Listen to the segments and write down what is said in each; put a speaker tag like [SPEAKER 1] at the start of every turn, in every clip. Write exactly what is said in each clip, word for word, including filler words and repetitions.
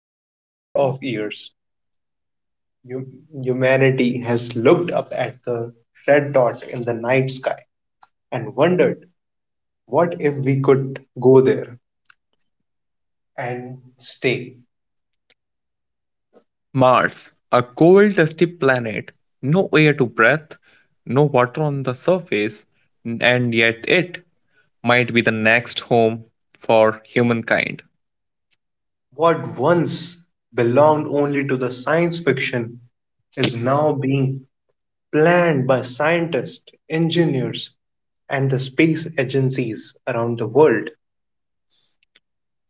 [SPEAKER 1] For thousands of years, hum- humanity has looked up at the red dot in the night sky and wondered, what if we could go there and stay?
[SPEAKER 2] Mars, a cold, dusty planet, no air to breathe, no water on the surface, and yet it might be the next home for humankind.
[SPEAKER 1] What once belonged only to the science fiction is now being planned by scientists, engineers, and the space agencies around the world.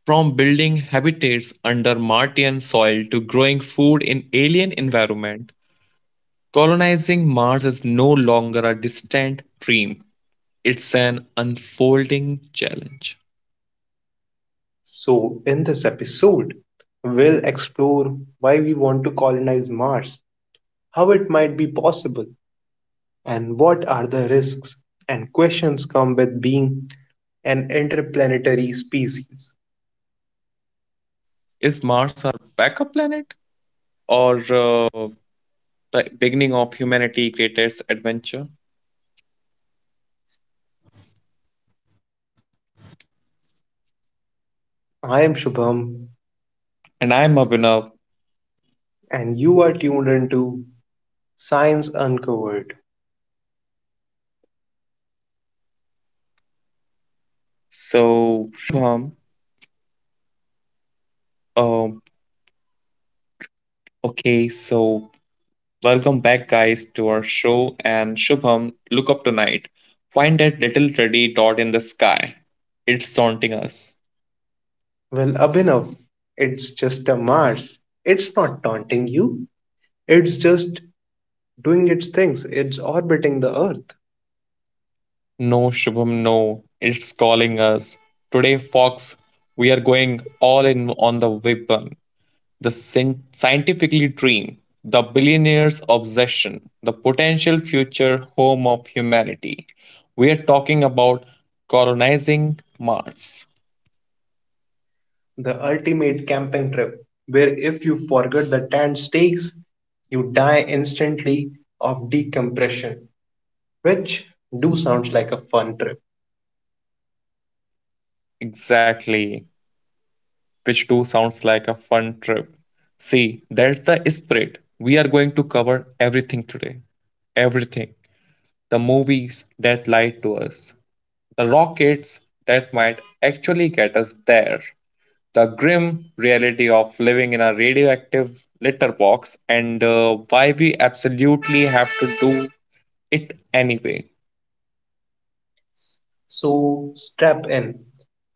[SPEAKER 2] From building habitats under Martian soil to growing food in alien environment, colonizing Mars is no longer a distant dream. It's an unfolding challenge.
[SPEAKER 1] So, in this episode, we'll explore why we want to colonize Mars, how it might be possible, and what are the risks and questions come with being an interplanetary species.
[SPEAKER 2] Is Mars our backup planet, or uh, the beginning of humanity creates adventure?
[SPEAKER 1] I am Shubham,
[SPEAKER 2] And I'm Abhinav.
[SPEAKER 1] and you are tuned into Science Uncovered.
[SPEAKER 2] So, Shubham, um, okay, so welcome back, guys, to our show. And Shubham, look up tonight. Find that little ruddy dot in the sky. It's taunting us.
[SPEAKER 1] Well, Abhinav, it's just a Mars. It's not taunting you, it's just doing its things, it's orbiting the Earth.
[SPEAKER 2] No, Shubham, no. It's calling us. Today, Fox, we are going all in on the weapon. the scien- scientifically dream, the billionaire's obsession, the potential future home of humanity. We are talking about colonizing Mars.
[SPEAKER 1] The ultimate camping trip, where if you forget the tent stakes, you die instantly of decompression, which do sounds like a fun trip.
[SPEAKER 2] Exactly, which too sounds like a fun trip. See, that's the spirit. We are going to cover everything today. Everything. The movies that lied to us, the rockets that might actually get us there, the grim reality of living in a radioactive litter box, and uh, why we absolutely have to do it anyway.
[SPEAKER 1] So strap in.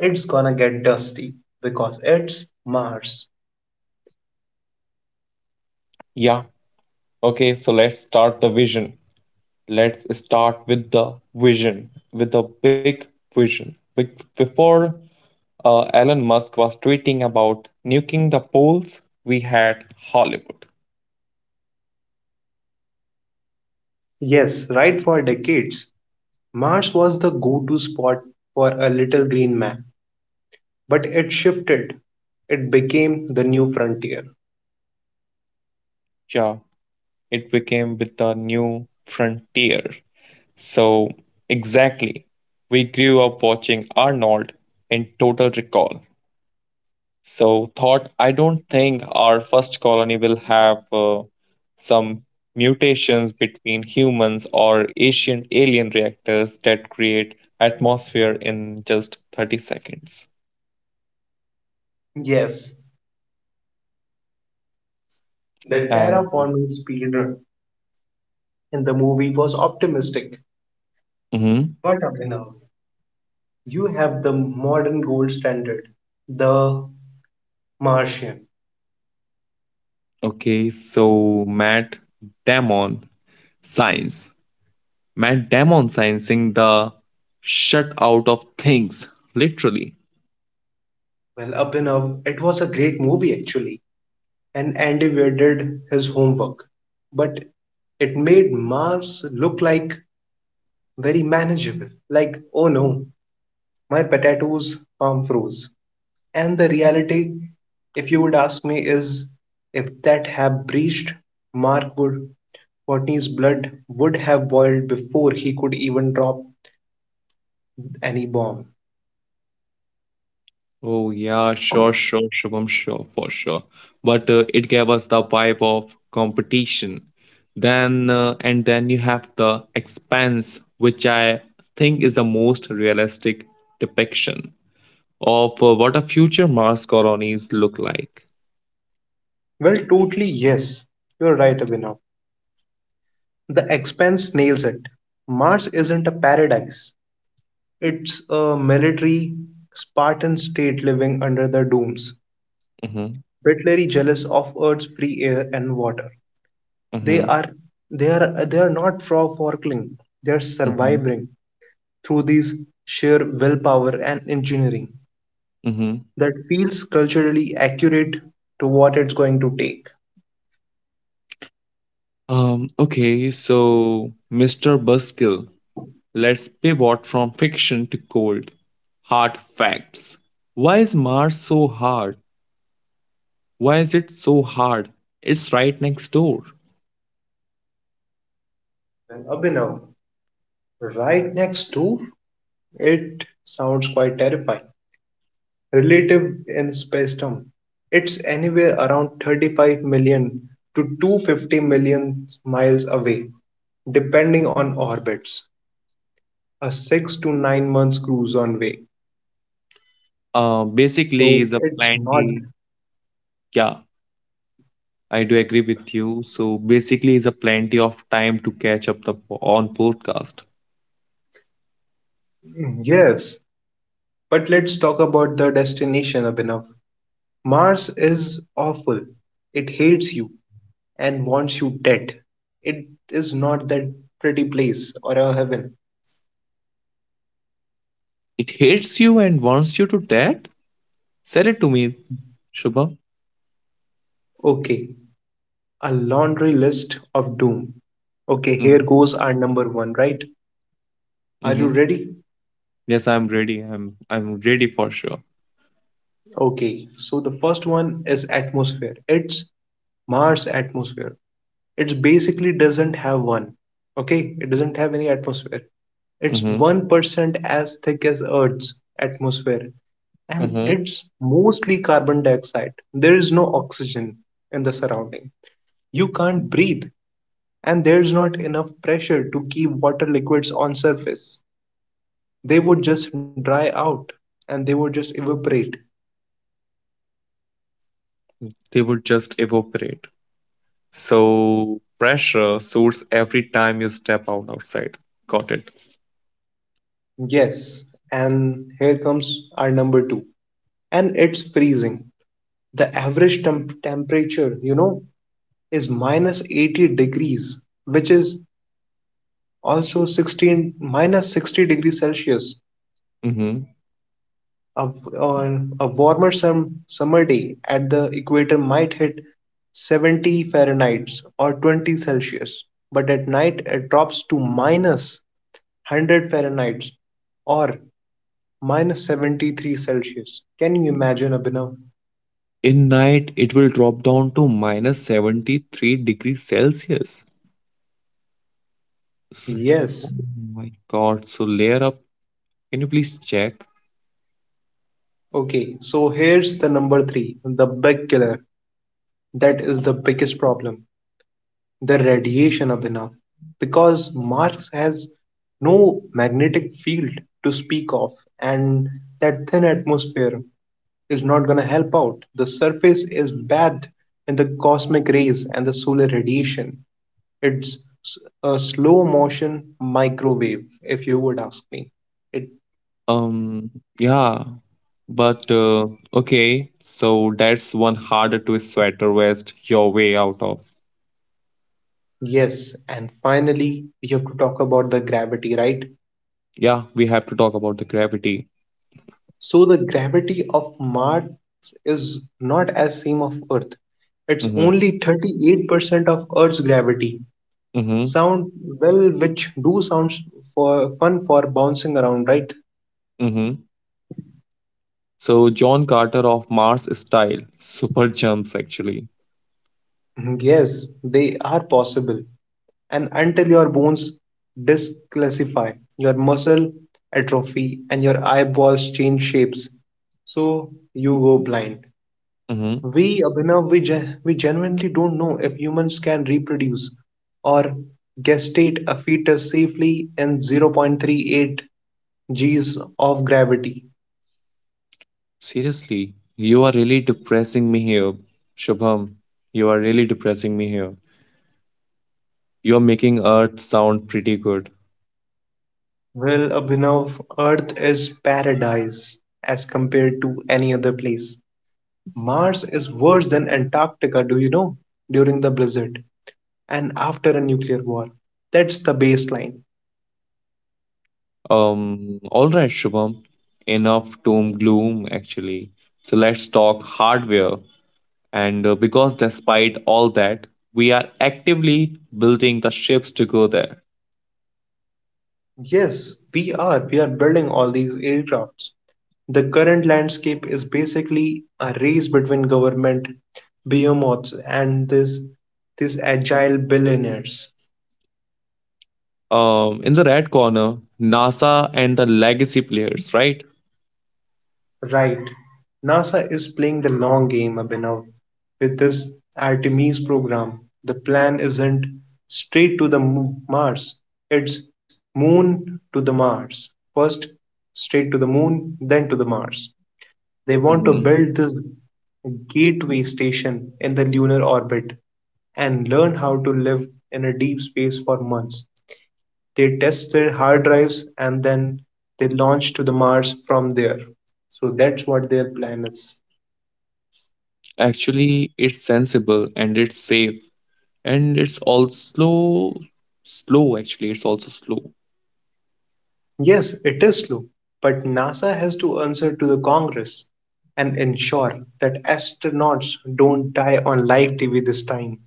[SPEAKER 1] It's gonna get dusty because it's Mars.
[SPEAKER 2] Yeah. Okay, so let's start the vision. Let's start with the vision, with the big vision. Be- Before uh, Elon Musk was tweeting about nuking the poles, we had Hollywood.
[SPEAKER 1] Yes, right for decades, Mars was the go-to spot for a little green man, but it shifted. It became the new frontier.
[SPEAKER 2] Yeah. It became with the new frontier. So, exactly, we grew up watching Arnold in Total Recall. So, thought I don't think our first colony will have uh, some mutations between humans or ancient alien reactors that create atmosphere in just thirty seconds.
[SPEAKER 1] Yes, the
[SPEAKER 2] And
[SPEAKER 1] terraforming speedrun in the movie was optimistic,
[SPEAKER 2] mhm.
[SPEAKER 1] but up in Earth, you have the modern gold standard, the Martian.
[SPEAKER 2] Okay, so Matt Damon, science. Man demonizing the shut out of things literally.
[SPEAKER 1] Well, Abhinav, it was a great movie actually, and Andy Weir did his homework. But it made Mars look like very manageable. Like, oh no, my potatoes farm froze. And the reality, if you would ask me, is if that had breached, Mark would Watney's blood would have boiled before he could even drop any bomb.
[SPEAKER 2] Oh yeah, sure, sure, Shubham, sure, for sure. But uh, it gave us the vibe of competition. Then uh, and then you have the Expanse, which I think is the most realistic depiction of uh, what a future Mars colonies look like.
[SPEAKER 1] Well, totally yes. You're right, Abhinav. The Expanse nails it. Mars isn't a paradise, it's a military Spartan state living under the domes,
[SPEAKER 2] Mm-hmm,
[SPEAKER 1] bitterly jealous of Earth's free air and water. They
[SPEAKER 2] mm-hmm,
[SPEAKER 1] are they are they are not for forkling, they are
[SPEAKER 2] mm-hmm,
[SPEAKER 1] surviving through these sheer willpower and engineering
[SPEAKER 2] mm-hmm.
[SPEAKER 1] that feels culturally accurate to what it's going to take.
[SPEAKER 2] Um, okay, so mister Buskill, let's pivot from fiction to cold, hard facts. Why is Mars so hard? Why is it so hard? It's right next door.
[SPEAKER 1] And Abhinav, right next to it sounds quite terrifying, relative in spacetime. It's anywhere around thirty-five million to two hundred fifty million miles away, depending on orbits. A six to nine months cruise on way.
[SPEAKER 2] Uh, basically,
[SPEAKER 1] So
[SPEAKER 2] is a
[SPEAKER 1] it's not.
[SPEAKER 2] plenty. Yeah, I do agree with you. So basically, is a plenty of time to catch up the on podcast.
[SPEAKER 1] Yes, but let's talk about the destination, Abhinav. Mars is awful. It hates you and wants you dead. It is not that pretty place or a heaven.
[SPEAKER 2] It hates you and wants you to death. Sell it to me, Shubham.
[SPEAKER 1] Okay, a laundry list of doom. Okay, here
[SPEAKER 2] Hmm.
[SPEAKER 1] goes our number one, right? Are you
[SPEAKER 2] Hmm.
[SPEAKER 1] ready?
[SPEAKER 2] Yes, I'm ready. I'm I'm ready for sure.
[SPEAKER 1] Okay, so the first one is atmosphere. It's Mars atmosphere. It basically doesn't have one. Okay, it doesn't have any atmosphere. It's
[SPEAKER 2] Hmm.
[SPEAKER 1] one percent as thick as Earth's atmosphere and
[SPEAKER 2] Hmm.
[SPEAKER 1] it's mostly carbon dioxide. There is no oxygen in the surrounding. You can't breathe and there's not enough pressure to keep water liquids on surface, they would just dry out and they would just evaporate.
[SPEAKER 2] They would just evaporate. So pressure soars every time you step out outside. Got it.
[SPEAKER 1] Yes, and here comes our number two, and it's freezing. The average temp- temperature, you know, is minus eighty degrees, which is also sixteen minus sixty degrees Celsius.
[SPEAKER 2] Hmm.
[SPEAKER 1] A, a warmer sum, summer day at the equator might hit seventy Fahrenheit or twenty Celsius, but at night it drops to minus one hundred Fahrenheit or minus seventy-three Celsius. Can you imagine, Abhinav?
[SPEAKER 2] In night, it will drop down to minus seventy-three degrees Celsius. S- Oh
[SPEAKER 1] Yes.
[SPEAKER 2] my God. So layer up. Can you please check?
[SPEAKER 1] Okay, so here's the number three, the big killer. That is the biggest problem, the radiation, Abhinav. Because Mars has no magnetic field to speak of, and that thin atmosphere is not going to help out. The surface is bathed in the cosmic rays and the solar radiation. It's a slow motion microwave, if you would ask me. It,
[SPEAKER 2] Um, yeah, but uh, okay, so that's one harder to sweater vest your way out of.
[SPEAKER 1] yes, and finally, we have to talk about the gravity, right?
[SPEAKER 2] Yeah, we have to talk about the gravity.
[SPEAKER 1] So, the gravity of Mars is not as same of Earth. It's
[SPEAKER 2] Mm-hmm,
[SPEAKER 1] only thirty-eight percent of Earth's gravity.
[SPEAKER 2] mm-hmm,
[SPEAKER 1] Sound well, which do sounds for fun for bouncing around, right?
[SPEAKER 2] mm-hmm. So John Carter of Mars style, super jumps actually.
[SPEAKER 1] Mm-hmm, yes, they are possible. And until your bones discalcify, your muscle atrophy, and your eyeballs change shapes. So you go blind.
[SPEAKER 2] Mm-hmm.
[SPEAKER 1] We, Abhinav, we, gen- we genuinely don't know if humans can reproduce or gestate a fetus safely in zero point three eight G's of gravity.
[SPEAKER 2] Seriously, you are really depressing me here, Shubham. You are really depressing me here. You're making Earth sound pretty good.
[SPEAKER 1] Well, Abhinav, Earth is paradise as compared to any other place. Mars is worse than Antarctica, do you know, during the blizzard, and after a nuclear war. That's the baseline.
[SPEAKER 2] Um, all right, Shubham, enough doom gloom actually. So let's talk hardware. And uh, because despite all that, we are actively building the ships to go there.
[SPEAKER 1] Yes, we are. We are building all these aircrafts. The current landscape is basically a race between government behemoths and this these agile billionaires.
[SPEAKER 2] Um, in the red corner, NASA and the legacy players, right?
[SPEAKER 1] Right. NASA is playing the long game, Abhinav. With this Artemis program, the plan isn't straight to the moon, Mars. It's moon to the Mars. First, straight to the moon, then to the Mars. They
[SPEAKER 2] Hmm.
[SPEAKER 1] want to build this gateway station in the lunar orbit and learn how to live in a deep space for months. They test their hard drives and then they launch to the Mars from there. So that's what their plan is.
[SPEAKER 2] Actually, it's sensible and it's safe and it's also slow. Actually, it's also slow.
[SPEAKER 1] Yes, it is slow, but NASA has to answer to the Congress and ensure that astronauts don't die on live T V this time.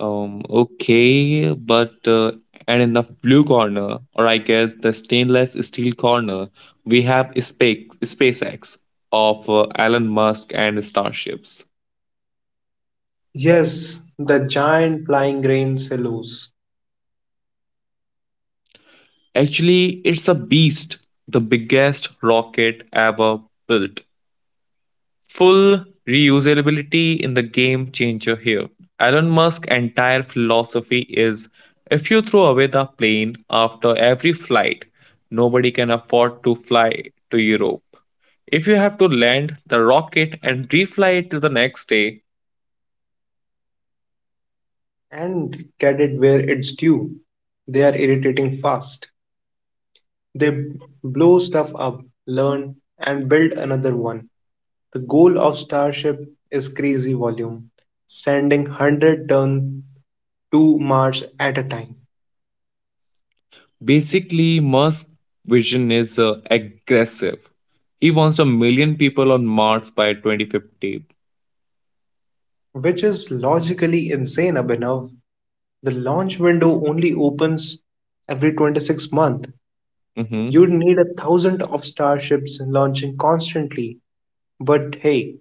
[SPEAKER 2] Um, okay, but uh, and in the blue corner, or I guess the stainless steel corner, we have Space SpaceX of uh, Elon Musk and starships.
[SPEAKER 1] Yes, the giant flying grain silos,
[SPEAKER 2] Actually, it's a beast, the biggest rocket ever built. Full reusability in the game changer here. Elon Musk's entire philosophy is if you throw away the plane after every flight, nobody can afford to fly to Europe. If you have to land the rocket and refly it till the next day,
[SPEAKER 1] and get it where it's due. They are irritating fast. They blow stuff up, learn, and build another one. The goal of Starship is crazy volume, sending one hundred tons to Mars at a time,
[SPEAKER 2] basically Musk's vision is uh, aggressive. He wants a million people on Mars by twenty fifty.
[SPEAKER 1] which is logically insane, Abhinav. The launch window only opens every twenty-six months. You'd need a thousand of starships launching constantly. But hey,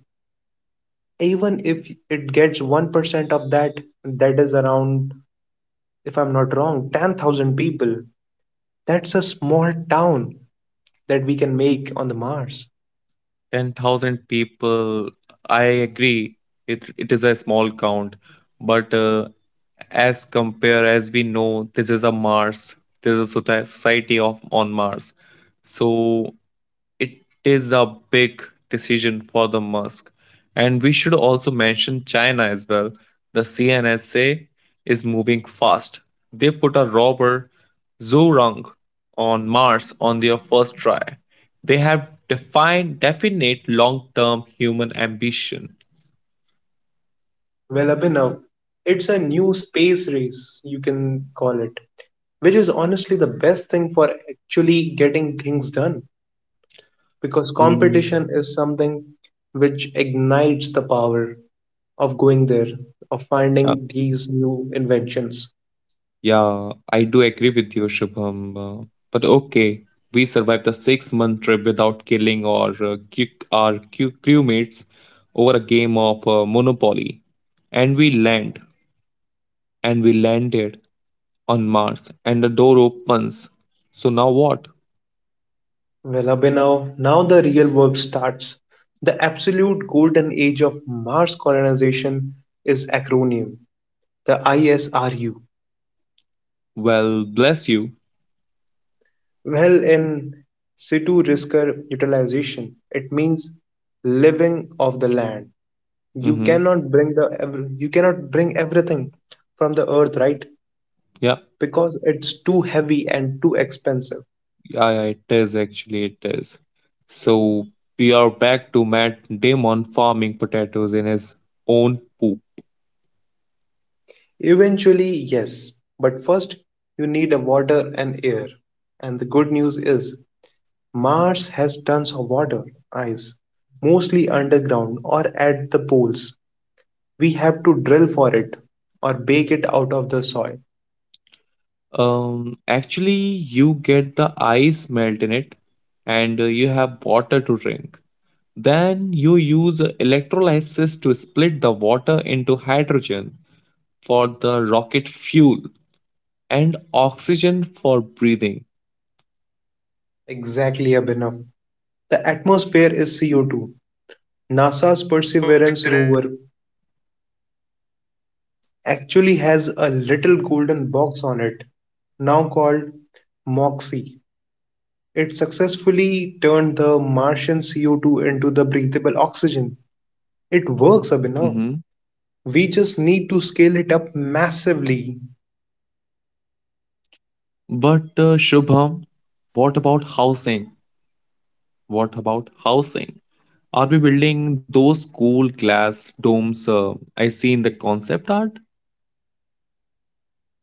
[SPEAKER 1] even if it gets one percent of that, that is around, if I'm not wrong, ten thousand people. That's a small town that we can make on the Mars.
[SPEAKER 2] ten thousand people, I agree, it, it is a small count, but uh, as compare, as we know, this is a Mars, this is a soci- society of on Mars. So it is a big decision for the Musk. And we should also mention China as well. The C N S A is moving fast. They put a rover, Zhurong, on Mars on their first try. They have defined definite long-term human ambition.
[SPEAKER 1] Well, Abhinav, it's a new space race, you can call it, which is honestly the best thing for actually getting things done, because
[SPEAKER 2] Mm.
[SPEAKER 1] competition is something which ignites the power of going there, of finding these new inventions.
[SPEAKER 2] Yeah, I do agree with you, Shubham. Uh, but okay, we survived the six month trip without killing or uh, kick our cu- crewmates over a game of uh, Monopoly. And we land, and we landed on Mars, and the door opens. So now what?
[SPEAKER 1] Well, Abhinav, now the real work starts. The absolute golden age of Mars colonization is acronym, the I S R U.
[SPEAKER 2] Well, bless you.
[SPEAKER 1] Well, in situ risker utilization, it means living off the land. You
[SPEAKER 2] Mm-hmm.
[SPEAKER 1] cannot bring the ev- you cannot bring everything from the earth, right?
[SPEAKER 2] Yeah,
[SPEAKER 1] Because it's too heavy and too expensive.
[SPEAKER 2] yeah, yeah, it is actually, it is. So we are back to Matt Damon farming potatoes in his own poop.
[SPEAKER 1] Eventually, yes, but first you need a water and air. And the good news is Mars has tons of water, ice, mostly underground or at the poles. We have to drill for it or bake it out of the soil.
[SPEAKER 2] Um, actually, you get the ice melt in it, and uh, you have water to drink. Then you use electrolysis to split the water into hydrogen for the rocket fuel and oxygen for breathing.
[SPEAKER 1] Exactly, Abhinav. The atmosphere is C O two. NASA's Perseverance rover actually has a little golden box on it, now called MOXIE. It successfully turned the Martian C O two into the breathable oxygen. It
[SPEAKER 2] Mhm.
[SPEAKER 1] works, Abhinav. We just need to scale it up massively.
[SPEAKER 2] But uh, Shubham, what about housing? What about housing? Are we building those cool glass domes uh, I see in the concept art?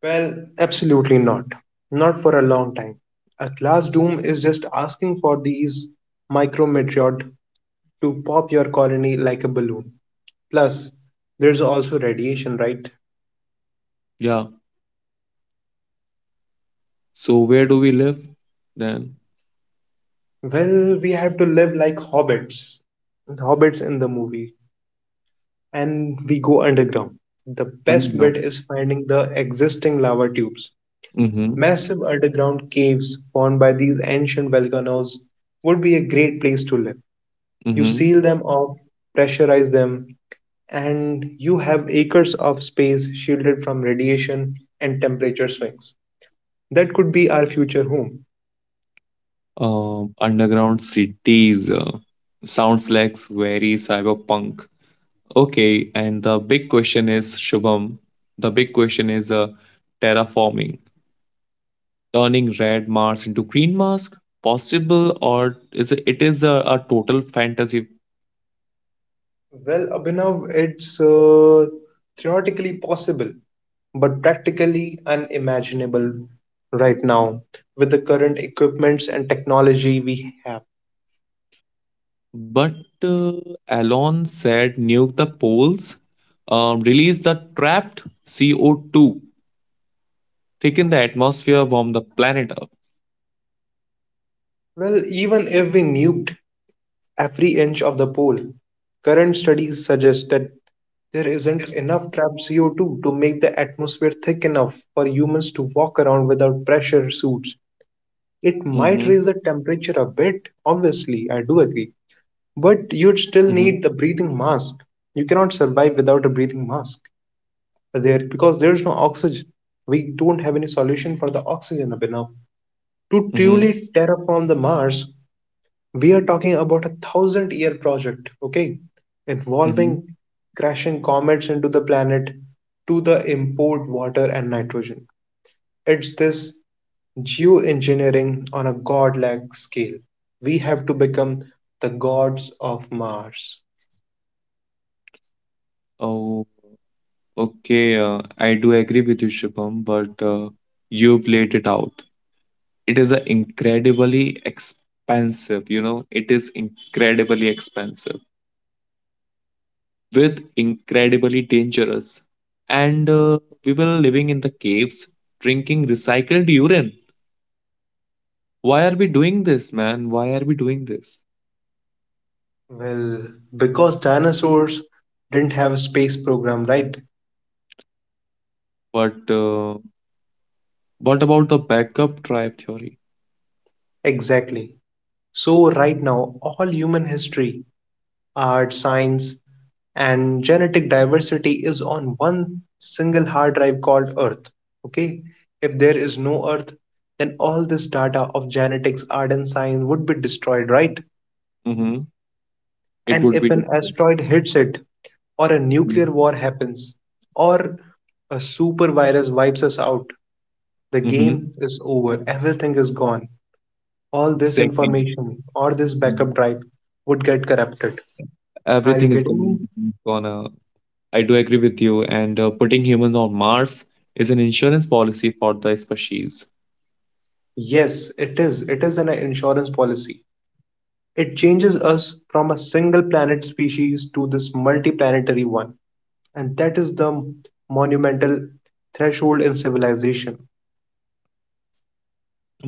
[SPEAKER 1] Well, absolutely not. Not for a long time. A glass dome is just asking for these micrometeorite to pop your colony like a balloon. Plus, there's also radiation, right?
[SPEAKER 2] Yeah. So where do we live then?
[SPEAKER 1] Well, we have to live like hobbits. Hobbits in the movie, and we go underground. The best bit
[SPEAKER 2] Underground.
[SPEAKER 1] is finding the existing lava tubes.
[SPEAKER 2] Mhm.
[SPEAKER 1] Massive underground caves formed by these ancient volcanoes would be a great place to live. You
[SPEAKER 2] Mhm.
[SPEAKER 1] seal them off, pressurize them, and you have acres of space shielded from radiation and temperature swings. That could be our future home.
[SPEAKER 2] Uh, underground cities. Uh, sounds like very cyberpunk. Okay, and the big question is, Shubham, the big question is uh, terraforming, turning red Mars into green Mars, possible or is it, it is a, a total fantasy?
[SPEAKER 1] Well, Abhinav, it's uh, theoretically possible, but practically unimaginable right now with the current equipments and technology we have.
[SPEAKER 2] But uh, Elon said nuke the poles, um, release the trapped C O two, thicken the atmosphere, warm the planet up.
[SPEAKER 1] Well, even if we nuked every inch of the pole, current studies suggest that there isn't enough trapped C O two to make the atmosphere thick enough for humans to walk around without pressure suits. It
[SPEAKER 2] Mm-hmm.
[SPEAKER 1] might raise the temperature a bit, obviously, I do agree, but
[SPEAKER 2] Mm-hmm.
[SPEAKER 1] you'd still need the breathing mask. You cannot survive without a breathing mask there because there's no oxygen. We don't have any solution for the oxygen up enough.
[SPEAKER 2] Mm-hmm.
[SPEAKER 1] To truly terraform the Mars, we are talking about a thousand year project, okay?
[SPEAKER 2] Mm-hmm.
[SPEAKER 1] Involving crashing comets into the planet to the import water and nitrogen. It's this geoengineering on a godlike scale. We have to become the gods of Mars.
[SPEAKER 2] Oh, okay. Uh, I do agree with you, Shubham, but uh, you've laid it out. It is a incredibly expensive, you know, it is incredibly expensive with incredibly dangerous. And uh, we were living in the caves, drinking recycled urine. Why are we doing this, man? Why are we doing this?
[SPEAKER 1] Well, because dinosaurs didn't have a space program, right?
[SPEAKER 2] But uh, what about the backup tribe theory?
[SPEAKER 1] Exactly. So, right now, all human history, art, science, and genetic diversity is on one single hard drive called Earth. Okay? If there is no Earth, then all this data of genetics, art, and science would be destroyed, right?
[SPEAKER 2] Mm-hmm. It
[SPEAKER 1] And
[SPEAKER 2] would be
[SPEAKER 1] if an
[SPEAKER 2] different.
[SPEAKER 1] asteroid hits it, or a
[SPEAKER 2] Mm-hmm.
[SPEAKER 1] nuclear war happens, or a super virus wipes us out, the
[SPEAKER 2] Mm-hmm.
[SPEAKER 1] game is over, everything is gone. All this
[SPEAKER 2] Exactly.
[SPEAKER 1] information or this
[SPEAKER 2] Hmm.
[SPEAKER 1] backup drive would get corrupted. Are
[SPEAKER 2] Everything
[SPEAKER 1] you
[SPEAKER 2] is
[SPEAKER 1] getting
[SPEAKER 2] going
[SPEAKER 1] me?
[SPEAKER 2] gonna. I do agree with you. And uh, putting humans on Mars is an insurance policy for the species.
[SPEAKER 1] Yes, it is. It is an insurance policy. It changes us from a single planet species to this multiplanetary one. And that is the monumental threshold in civilization.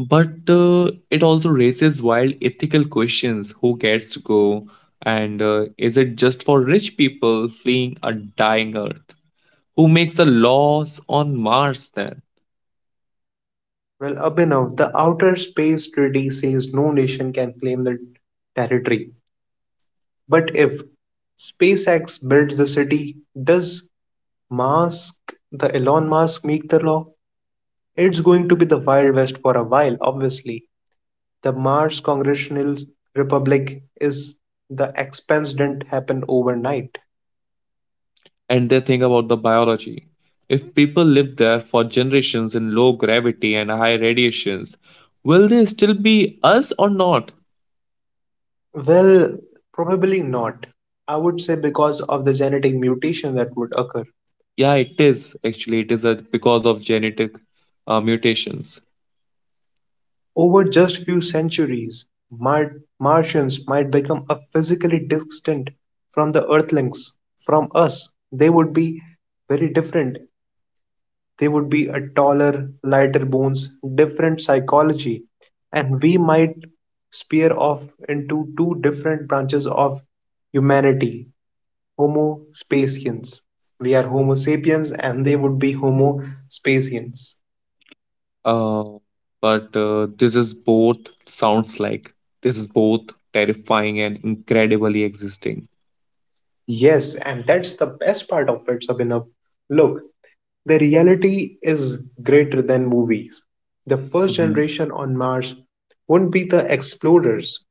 [SPEAKER 2] But uh, it also raises wild ethical questions. Who gets to go? And uh, is it just for rich people fleeing a dying Earth? Who makes the laws on Mars then?
[SPEAKER 1] Well, Abhinav, the outer space treaty says no nation can claim the territory. But if SpaceX builds the city, does Musk, the Elon Musk make the law. It's going to be the Wild West for a while, obviously. The Mars Congressional Republic is the expense didn't happen overnight.
[SPEAKER 2] And they think about the biology. If people live there for generations in low gravity and high radiations, will they still be us or not?
[SPEAKER 1] Well, probably not. I would say because of the genetic mutation that would occur.
[SPEAKER 2] Yeah, it is actually. It is a, because of genetic uh, mutations.
[SPEAKER 1] Over just few centuries, Mar- Martians might become a physically distant from the Earthlings, from us. They would be very different. They would be a taller, lighter bones, different psychology, and we might spear off into two different branches of humanity. Homo sapiens. We are Homo sapiens, and they would be Homo sapiens.
[SPEAKER 2] Uh, but uh, This is both sounds like this is both terrifying and incredibly existing.
[SPEAKER 1] Yes, and that's the best part of it, Abhinav. Look, the reality is greater than movies. The first
[SPEAKER 2] Mhm.
[SPEAKER 1] generation on Mars wouldn't be the explorers.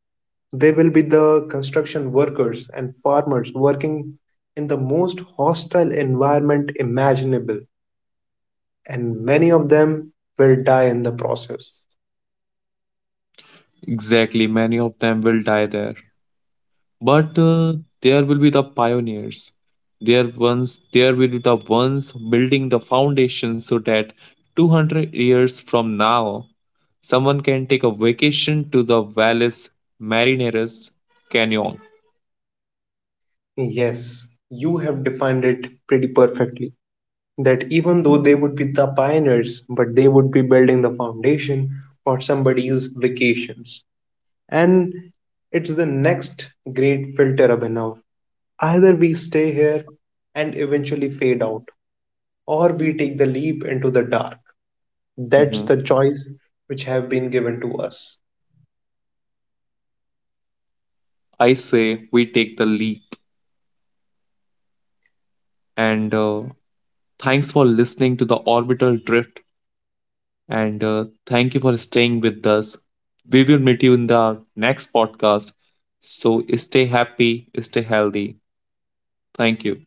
[SPEAKER 1] They will be the construction workers and farmers working in the most hostile environment imaginable, and many of them will die in the process.
[SPEAKER 2] Exactly, many of them will die there. But uh, there will be the pioneers. There ones there will be the ones building the foundation so that two hundred years from now someone can take a vacation to the Valles Marineris Canyon.
[SPEAKER 1] Yes, you have defined it pretty perfectly. That even though they would be the pioneers, but they would be building the foundation for somebody's vacations. And it's the next great filter, Abhinav. Either we stay here and eventually fade out, or we take the leap into the dark. That's
[SPEAKER 2] Mhm.
[SPEAKER 1] the choice which have been given to us.
[SPEAKER 2] I say we take the leap. And uh, thanks for listening to the orbital drift. And uh, thank you for staying with us. We will meet you in the next podcast. So stay happy, stay healthy. Thank you.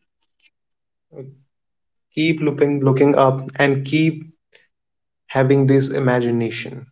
[SPEAKER 1] Keep looking looking up and keep having this imagination.